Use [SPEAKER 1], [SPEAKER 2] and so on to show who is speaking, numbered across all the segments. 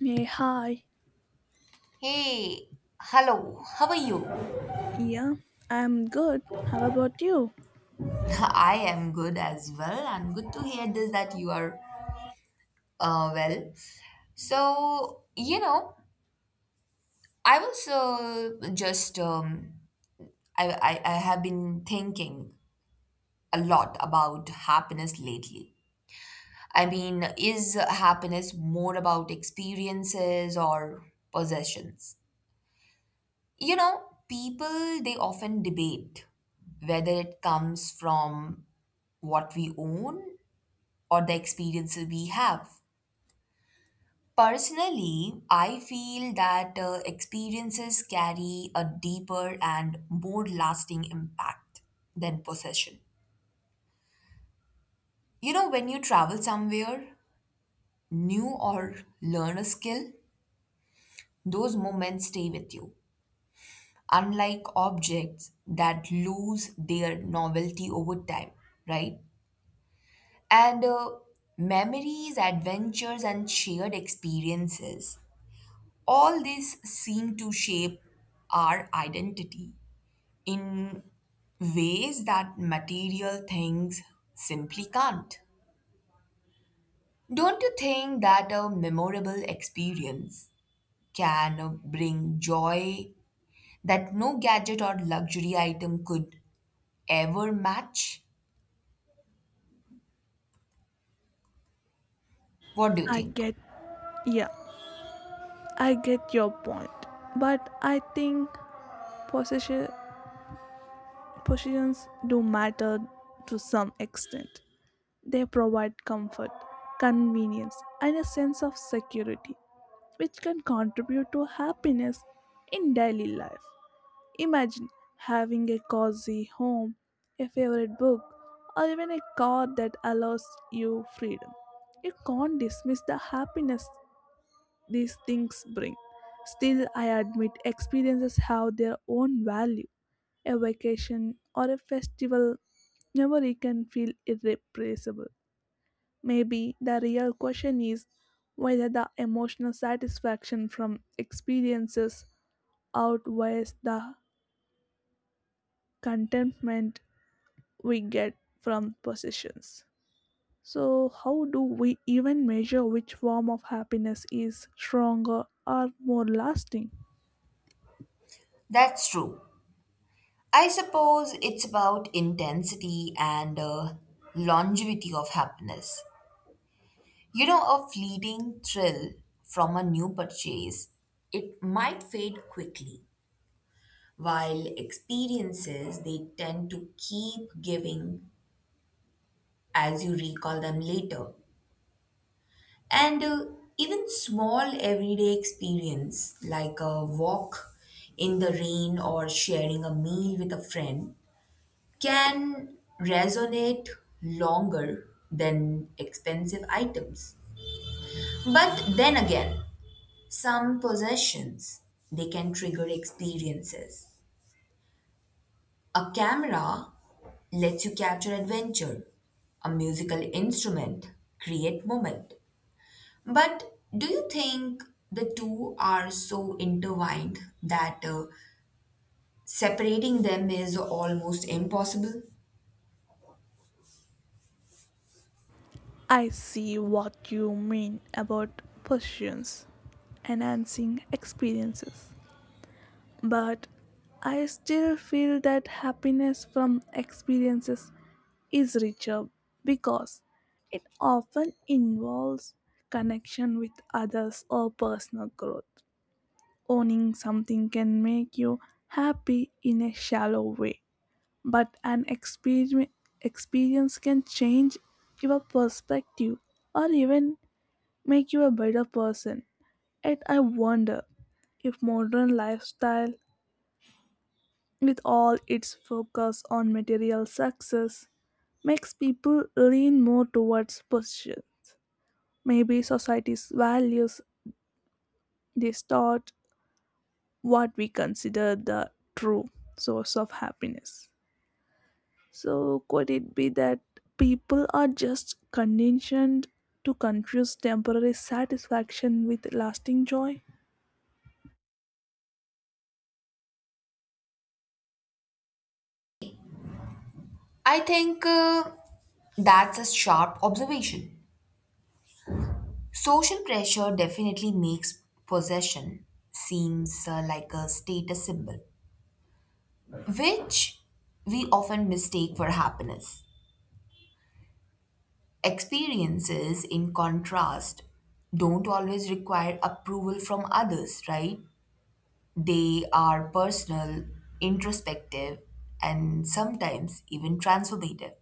[SPEAKER 1] Hey, hi.
[SPEAKER 2] Hey, hello, how are you?
[SPEAKER 1] Yeah, I'm good. How about you?
[SPEAKER 2] I am good as well, and good to hear this that you are well. So, I was I have been thinking a lot about happiness lately. I mean, is happiness more about experiences or possessions? People, they often debate whether it comes from what we own or the experiences we have. Personally, I feel that experiences carry a deeper and more lasting impact than possession. You know, when you travel somewhere new or learn a skill, those moments stay with you, unlike objects that lose their novelty over time, right? And Memories, adventures, and shared experiences, all these seem to shape our identity in ways that material things simply can't. Don't you think that a memorable experience can bring joy that no gadget or luxury item could ever match? What do you
[SPEAKER 1] I
[SPEAKER 2] think?
[SPEAKER 1] get, yeah, I get your point. But I think position, positions do matter to some extent. They provide comfort, convenience, and a sense of security, which can contribute to happiness in daily life. Imagine having a cozy home, a favorite book, or even a car that allows you freedom. You can't dismiss the happiness these things bring. Still, I admit experiences have their own value. A vacation or a festival memory can feel irreplaceable. Maybe the real question is whether the emotional satisfaction from experiences outweighs the contentment we get from possessions. So, how do we even measure which form of happiness is stronger or more lasting?
[SPEAKER 2] That's true. I suppose it's about intensity and longevity of happiness. You know, a fleeting thrill from a new purchase, it might fade quickly, while experiences they tend to keep giving as you recall them later. And Even small everyday experience like a walk in the rain or sharing a meal with a friend can resonate longer than expensive items. But then again, some possessions, they can trigger experiences. A camera lets you capture adventure. A musical instrument create moment. But do you think the two are so intertwined that separating them is almost impossible?
[SPEAKER 1] I see what you mean about possessions, enhancing experiences. But I still feel that happiness from experiences is richer because it often involves connection with others or personal growth. Owning something can make you happy in a shallow way, but an experience can change your perspective or even make you a better person. Yet I wonder if modern lifestyle, with all its focus on material success, makes people lean more towards possession. Maybe society's values distort what we consider the true source of happiness. So, could it be that people are just conditioned to confuse temporary satisfaction with lasting joy?
[SPEAKER 2] I think that's a sharp observation. Social pressure definitely makes possession seems like a status symbol which we often mistake for happiness. Experiences, in contrast, don't always require approval from others, right? They are personal, introspective, and sometimes even transformative.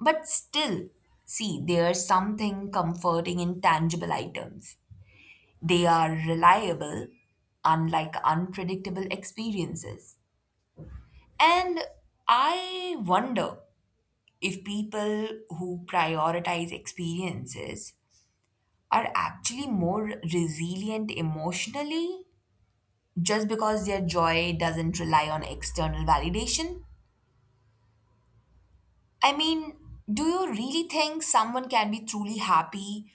[SPEAKER 2] But still, see, there's something comforting in tangible items. They are reliable, unlike unpredictable experiences. And I wonder if people who prioritize experiences are actually more resilient emotionally just because their joy doesn't rely on external validation? I mean, do you really think someone can be truly happy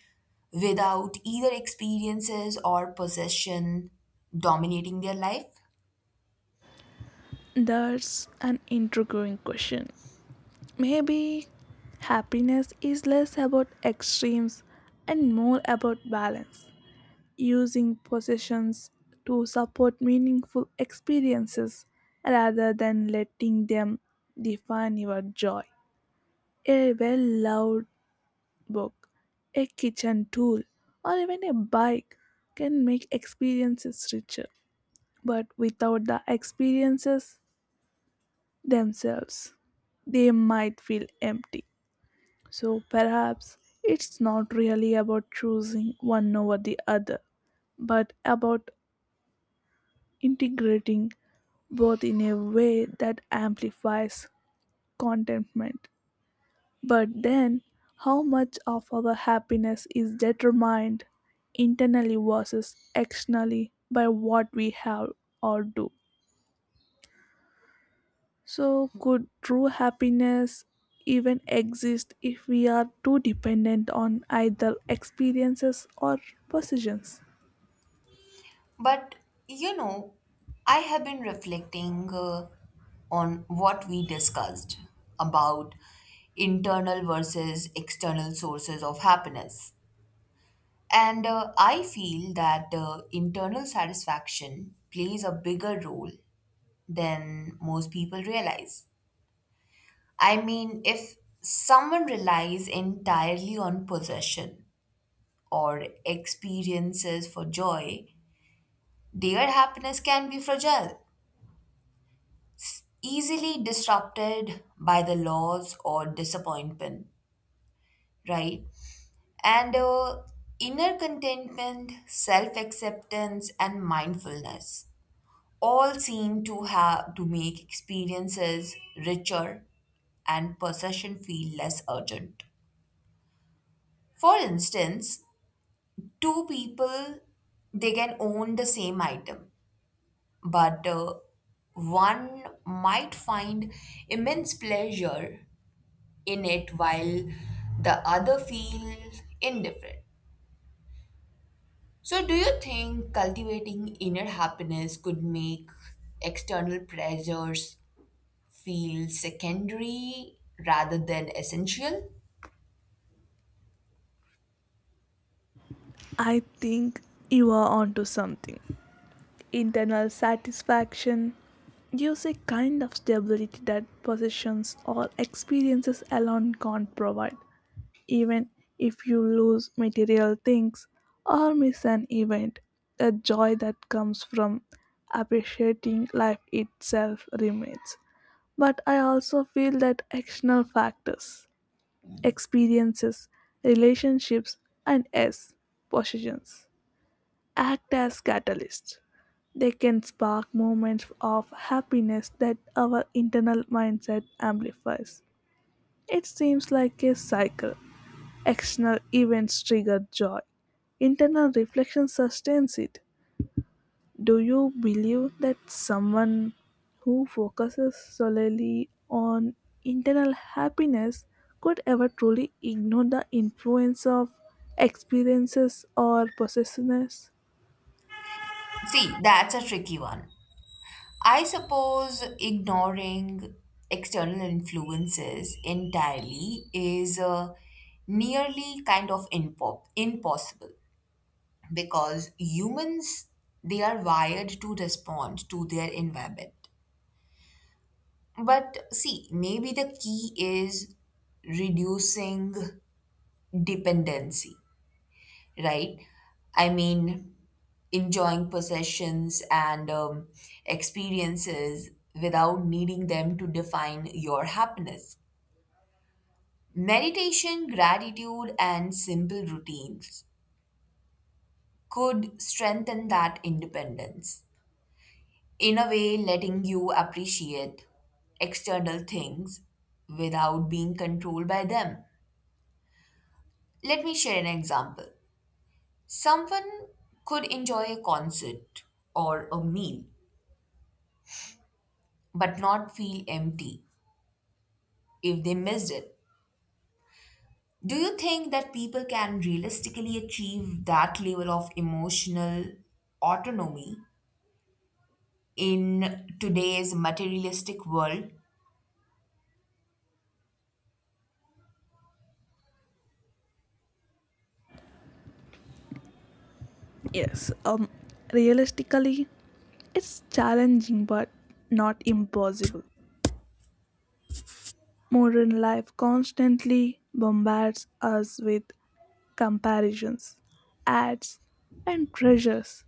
[SPEAKER 2] without either experiences or possession dominating their life?
[SPEAKER 1] That's an intriguing question. Maybe happiness is less about extremes and more about balance, using possessions to support meaningful experiences rather than letting them define your joy. A well loved book, a kitchen tool, or even a bike can make experiences richer. But without the experiences themselves, they might feel empty. So perhaps it's not really about choosing one over the other, but about integrating both in a way that amplifies contentment. But then, how much of our happiness is determined internally versus externally by what we have or do? So, could true happiness even exist if we are too dependent on either experiences or possessions?
[SPEAKER 2] But you know, I have been reflecting on what we discussed about internal versus external sources of happiness. And I feel that internal satisfaction plays a bigger role than most people realize. I mean, if someone relies entirely on possession or experiences for joy, their happiness can be fragile, easily disrupted by the loss or disappointment, right? And Inner contentment, self acceptance, and mindfulness all seem to have to make experiences richer and possession feel less urgent. For instance, two people they can own the same item, but one might find immense pleasure in it while the other feels indifferent. So, do you think cultivating inner happiness could make external pressures feel secondary rather than essential?
[SPEAKER 1] I think you are onto something. Internal satisfaction gives a kind of stability that possessions or experiences alone can't provide. Even if you lose material things or miss an event, the joy that comes from appreciating life itself remains. But I also feel that external factors, experiences, relationships, and yes, possessions act as catalysts. They can spark moments of happiness that our internal mindset amplifies. It seems like a cycle. External events trigger joy, internal reflection sustains it. Do you believe that someone who focuses solely on internal happiness could ever truly ignore the influence of experiences or possessiveness?
[SPEAKER 2] See, that's a tricky one. I suppose ignoring external influences entirely is nearly kind of impossible, because humans they are wired to respond to their environment, but see maybe the key is reducing dependency, right? I mean, enjoying possessions and experiences without needing them to define your happiness. Meditation, gratitude, and simple routines could strengthen that independence, in a way letting you appreciate external things without being controlled by them. Let me share an example. Someone could enjoy a concert or a meal but not feel empty if they missed it. Do you think that people can realistically achieve that level of emotional autonomy in today's materialistic world?
[SPEAKER 1] Yes, realistically, it's challenging but not impossible. Modern life constantly bombards us with comparisons, ads, and pressures,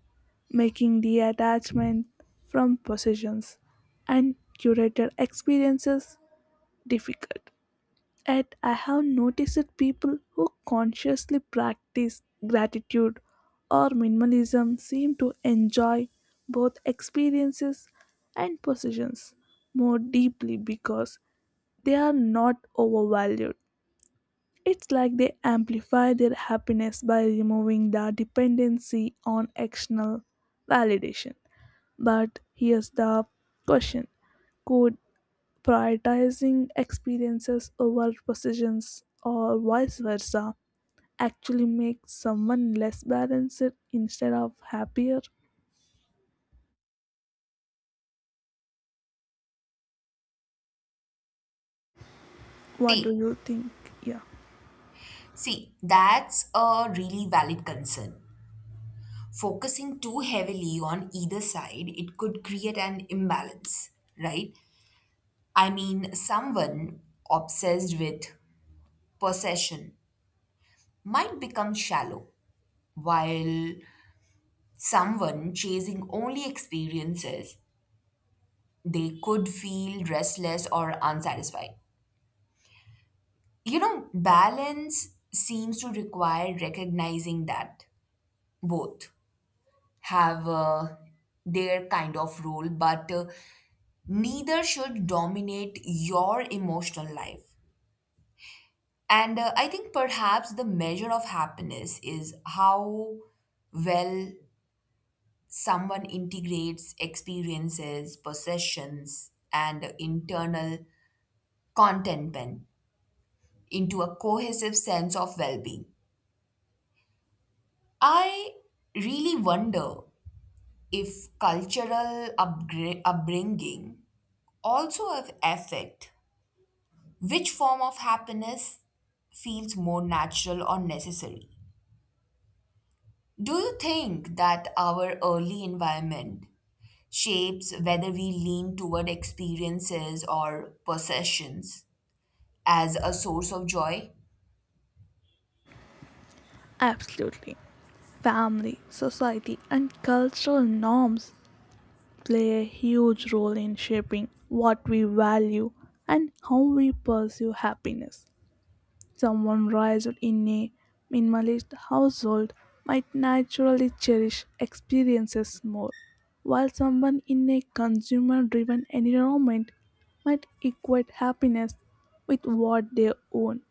[SPEAKER 1] making the attachment from possessions and curated experiences difficult. Yet, I have noticed that people who consciously practice gratitude or minimalism seem to enjoy both experiences and possessions more deeply because they are not overvalued. It's like they amplify their happiness by removing the dependency on external validation. But here's the question. Could prioritizing experiences over possessions or vice versa actually make someone less balanced instead of happier? What do
[SPEAKER 2] See,
[SPEAKER 1] you think? Yeah,
[SPEAKER 2] see, that's a really valid concern. Focusing too heavily on either side, it could create an imbalance, right? I mean, someone obsessed with possession might become shallow, while someone chasing only experiences, they could feel restless or unsatisfied. You know, balance seems to require recognizing that both have their kind of role, but neither should dominate your emotional life. And I think perhaps the measure of happiness is how well someone integrates experiences, possessions, and internal contentment into a cohesive sense of well being. I really wonder if cultural upbringing also have affect which form of happiness feels more natural or necessary. Do you think that our early environment shapes whether we lean toward experiences or possessions as a source of joy?
[SPEAKER 1] absolutely. Family, society, and cultural norms play a huge role in shaping what we value and how we pursue happiness. Someone raised in a minimalist household might naturally cherish experiences more, while someone in a consumer driven environment might equate happiness with what they own.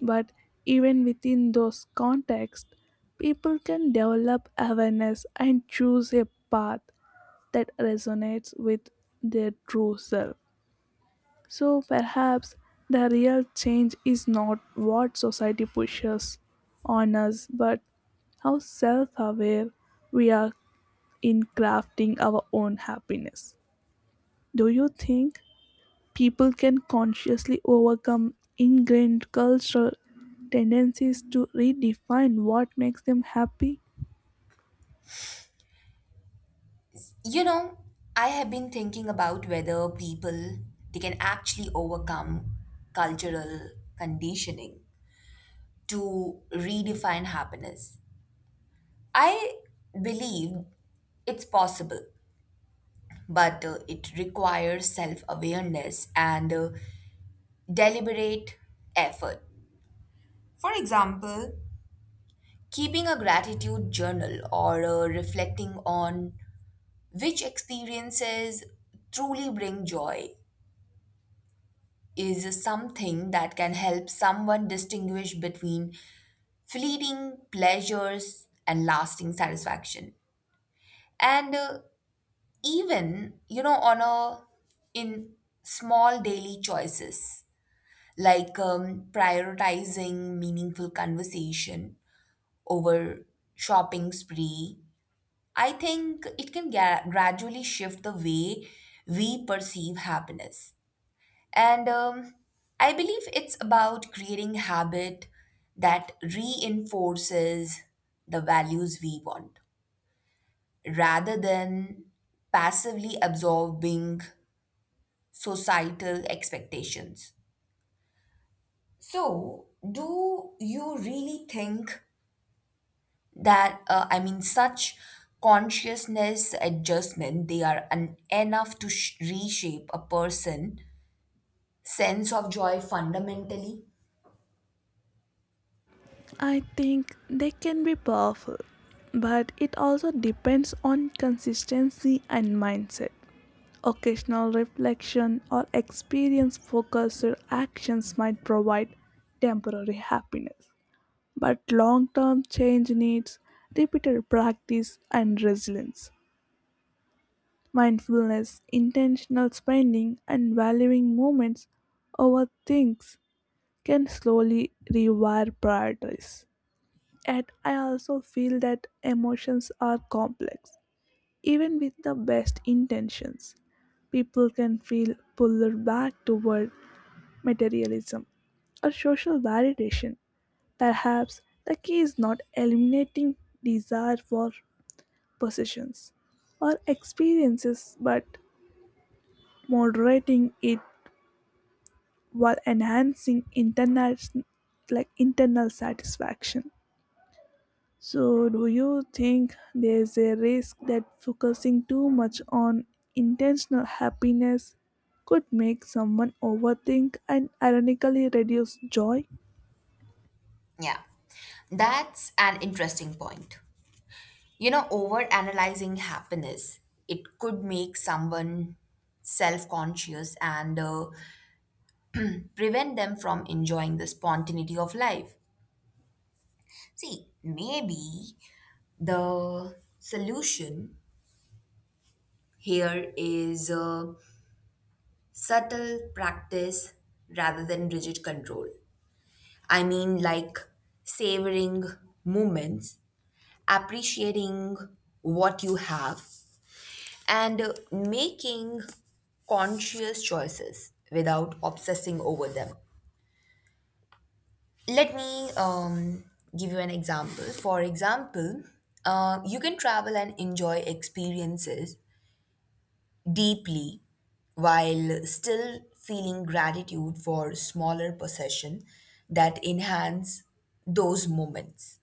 [SPEAKER 1] But even within those contexts, people can develop awareness and choose a path that resonates with their true self. So perhaps the real change is not what society pushes on us, but how self aware we are in crafting our own happiness. Do you think people can consciously overcome ingrained cultural tendencies to redefine what makes them happy?
[SPEAKER 2] You know, I have been thinking about whether people they can actually overcome cultural conditioning to redefine happiness. I believe it's possible, but it requires self awareness and deliberate effort. For example, keeping a gratitude journal or reflecting on which experiences truly bring joy is something that can help someone distinguish between fleeting pleasures and lasting satisfaction. And even, you know, on a in small daily choices like prioritizing meaningful conversation over shopping spree, I think it can gradually shift the way we perceive happiness. And I believe it's about creating habit that reinforces the values we want rather than passively absorbing societal expectations. So, do you really think that I mean such consciousness adjustment they are enough to reshape a person sense of joy fundamentally?
[SPEAKER 1] I think they can be powerful, but it also depends on consistency and mindset. Occasional reflection or experience focused actions might provide temporary happiness, but long term change needs repeated practice and resilience. Mindfulness, intentional spending, and valuing moments over things can slowly rewire priorities. Yet, I also feel that emotions are complex. Even with the best intentions, people can feel pulled back toward materialism or social validation. Perhaps the key is not eliminating desire for possessions or experiences, but moderating it while enhancing internal, like internal satisfaction. So, do you think there's a risk that focusing too much on intentional happiness could make someone overthink and ironically reduce joy?
[SPEAKER 2] Yeah, that's an interesting point. You know, over analyzing happiness, it could make someone self-conscious and prevent them from enjoying the spontaneity of life. See, maybe the solution here is subtle practice rather than rigid control. I mean, like savoring moments, appreciating what you have, and making conscious choices without obsessing over them. Let me give you an example. For example, you can travel and enjoy experiences deeply while still feeling gratitude for smaller possession that enhance those moments.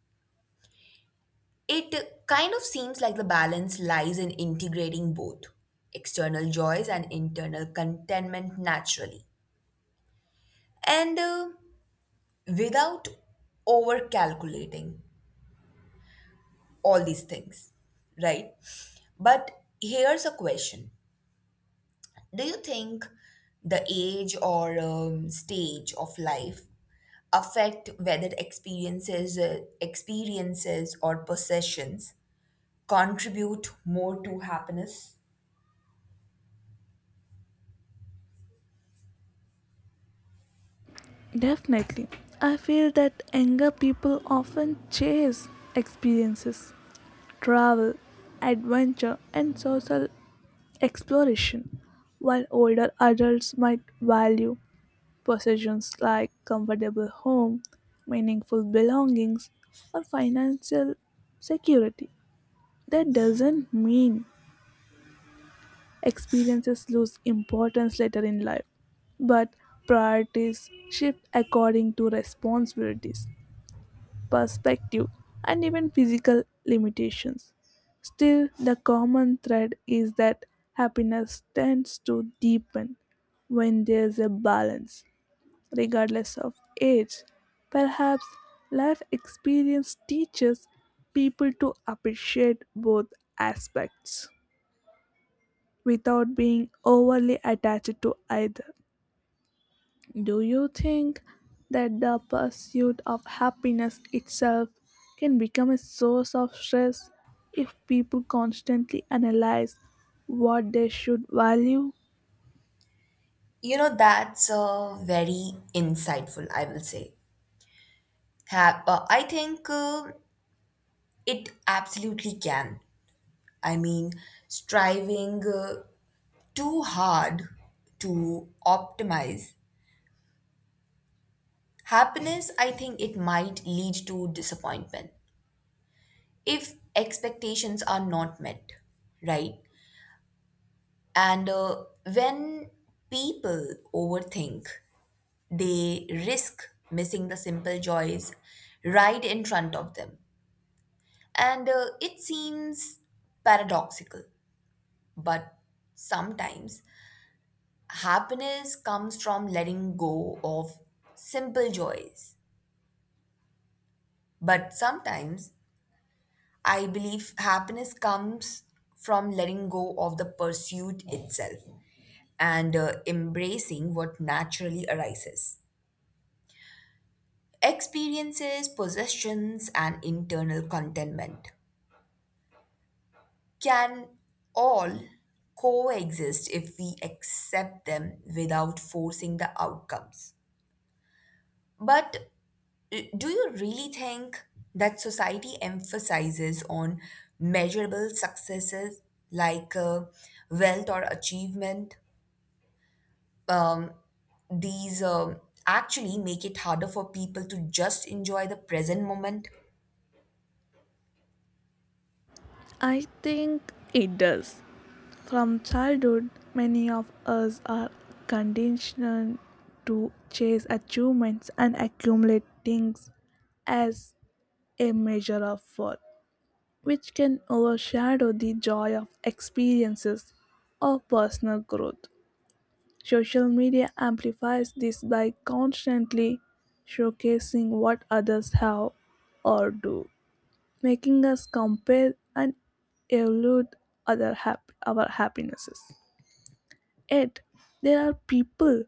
[SPEAKER 2] It kind of seems like the balance lies in integrating both external joys and internal contentment naturally, and without over calculating all these things, right? But here's a question, do you think the age or stage of life affect whether experiences or possessions contribute more to happiness?
[SPEAKER 1] Definitely. I feel that younger people often chase experiences, travel, adventure, and social exploration, while older adults might value possessions like comfortable home, meaningful belongings, or financial security. That doesn't mean experiences lose importance later in life, but priorities shift according to responsibilities, perspective, and even physical limitations. Still, the common thread is that happiness tends to deepen when there's a balance regardless of age. Perhaps life experience teaches people to appreciate both aspects without being overly attached to either. Do you think that the pursuit of happiness itself can become a source of stress if people constantly analyze what they should value?
[SPEAKER 2] You know, that's very insightful, I will say. I think it absolutely can. I mean, striving too hard to optimize happiness, I think it might lead to disappointment if expectations are not met, right? And when people overthink, they risk missing the simple joys right in front of them. And it seems paradoxical, but sometimes happiness comes from letting go of simple joys. But sometimes I believe happiness comes from letting go of the pursuit itself and embracing what naturally arises. Experiences, possessions, and internal contentment can all coexist if we accept them without forcing the outcomes. But do you really think that society emphasizes on measurable successes like wealth or achievement? Um, these actually make it harder for people to just enjoy the present moment.
[SPEAKER 1] I think it does. From childhood, many of us are conditioned to chase achievements and accumulate things as a measure of worth, which can overshadow the joy of experiences or personal growth. Social media amplifies this by constantly showcasing what others have or do, making us compare and elude our happinesses. Yet, there are people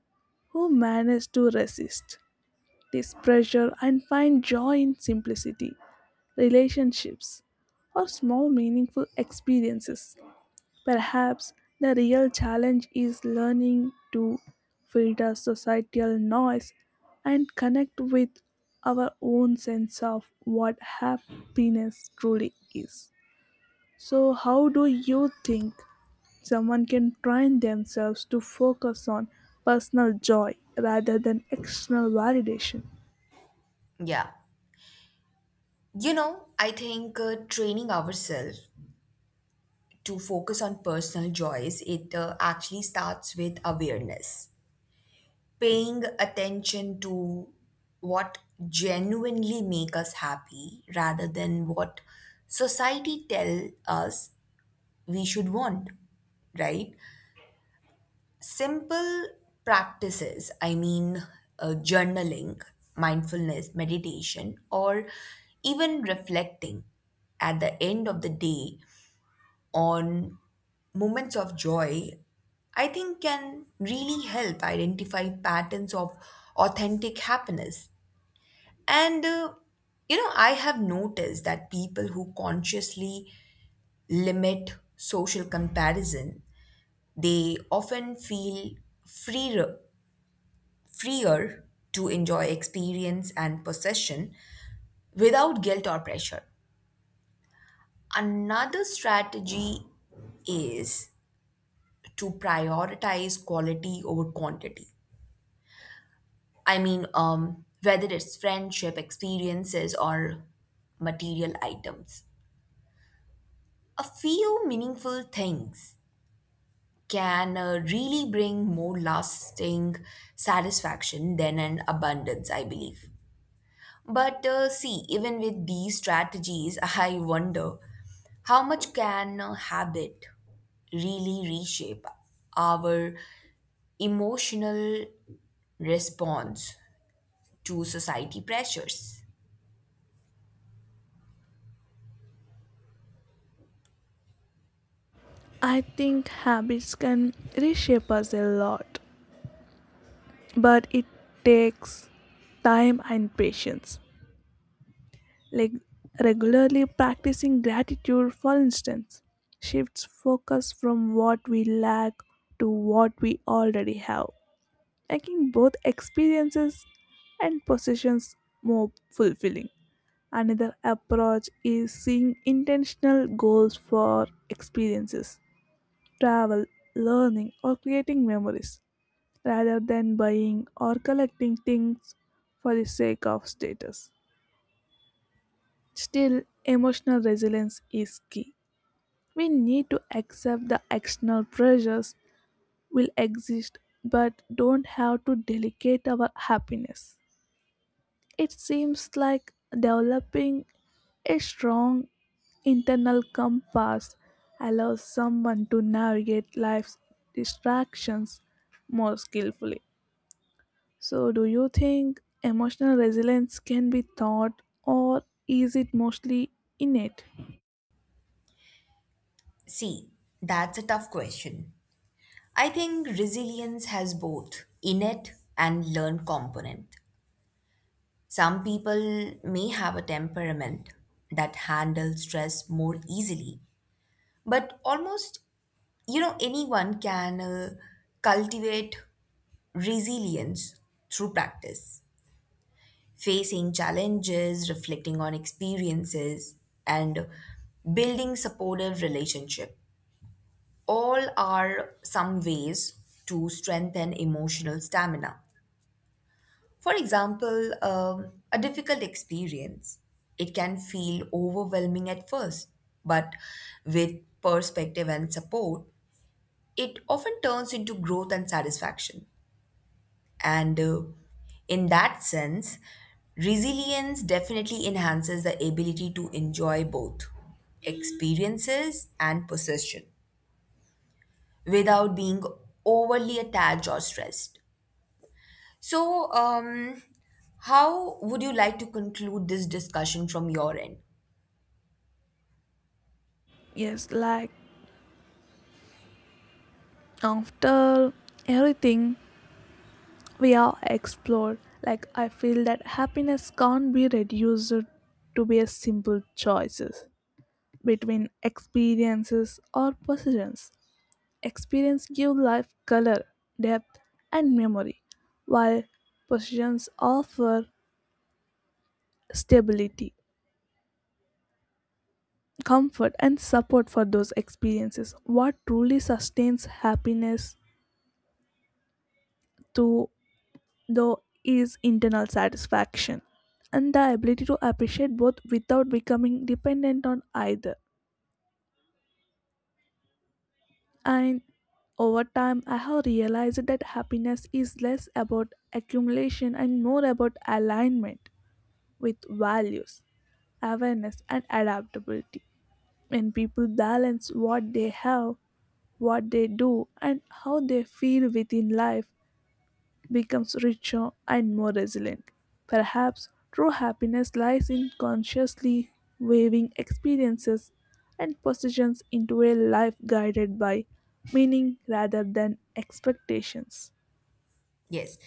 [SPEAKER 1] who manage to resist this pressure and find joy in simplicity, relationships, or small meaningful experiences. Perhaps the real challenge is learning to filter societal noise and connect with our own sense of what happiness truly is. So, how do you think someone can train themselves to focus on personal joy rather than external validation?
[SPEAKER 2] Yeah. You know, I think training ourselves to focus on personal joys, it actually starts with awareness, paying attention to what genuinely make us happy rather than what society tell us we should want, right? Simple practices, I mean, journaling, mindfulness, meditation, or even reflecting at the end of the day on moments of joy, I think can really help identify patterns of authentic happiness. And, uh, you know, I have noticed that people who consciously limit social comparison, they often feel freer, freer to enjoy experience and possession without guilt or pressure. Another strategy is to prioritize quality over quantity. I mean, whether it's friendship, experiences, or material items. A few meaningful things can really bring more lasting satisfaction than an abundance, I believe. But see, even with these strategies, I wonder how much can a habit really reshape our emotional response to society pressures?
[SPEAKER 1] I think habits can reshape us a lot, but it takes time and patience. Like regularly practicing gratitude, for instance, shifts focus from what we lack to what we already have, making both experiences and possessions more fulfilling. Another approach is seeing intentional goals for experiences, travel, learning, or creating memories rather than buying or collecting things for the sake of status. Still, emotional resilience is key. We need to accept the external pressures will exist but don't have to delegate our happiness. It seems like developing a strong internal compass allows someone to navigate life's distractions more skillfully. So, do you think emotional resilience can be taught, or is it mostly innate?
[SPEAKER 2] See, that's a tough question. I think resilience has both innate and learned component. Some people may have a temperament that handles stress more easily, but almost you know anyone can cultivate resilience through practice. Facing challenges, reflecting on experiences, and building supportive relationship all are some ways to strengthen emotional stamina. For example, a difficult experience, it can feel overwhelming at first, but with perspective and support, it often turns into growth and satisfaction. And in that sense, resilience definitely enhances the ability to enjoy both experiences and possession, without being overly attached or stressed. So, how would you like to conclude this discussion from your end?
[SPEAKER 1] Yes, like after everything we are explored, like I feel that happiness can't be reduced to be a simple choices between experiences or possessions. Experience give life color, depth, and memory, while possessions offer stability, comfort, and support for those experiences. What truly sustains happiness to though is internal satisfaction and the ability to appreciate both without becoming dependent on either. And over time, I have realized that happiness is less about accumulation and more about alignment with values, awareness, and adaptability. When people balance what they have, what they do, and how they feel within life, becomes richer and more resilient. Perhaps true happiness lies in consciously weaving experiences and possessions into a life guided by meaning rather than expectations.
[SPEAKER 2] Yes.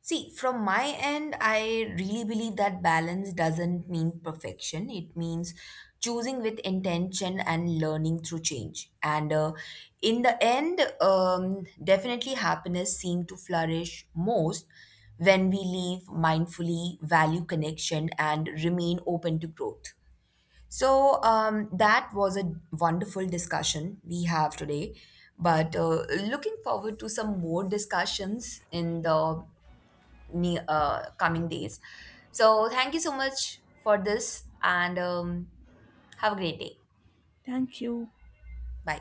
[SPEAKER 2] See, from my end, I really believe that balance doesn't mean perfection. It means choosing with intention and learning through change. And in the end, definitely happiness seems to flourish most when we live mindfully, value connection, and remain open to growth. So that was a wonderful discussion we have today. But looking forward to some more discussions in the coming days. So thank you so much for this and have a great day.
[SPEAKER 1] Thank you.
[SPEAKER 2] Bye.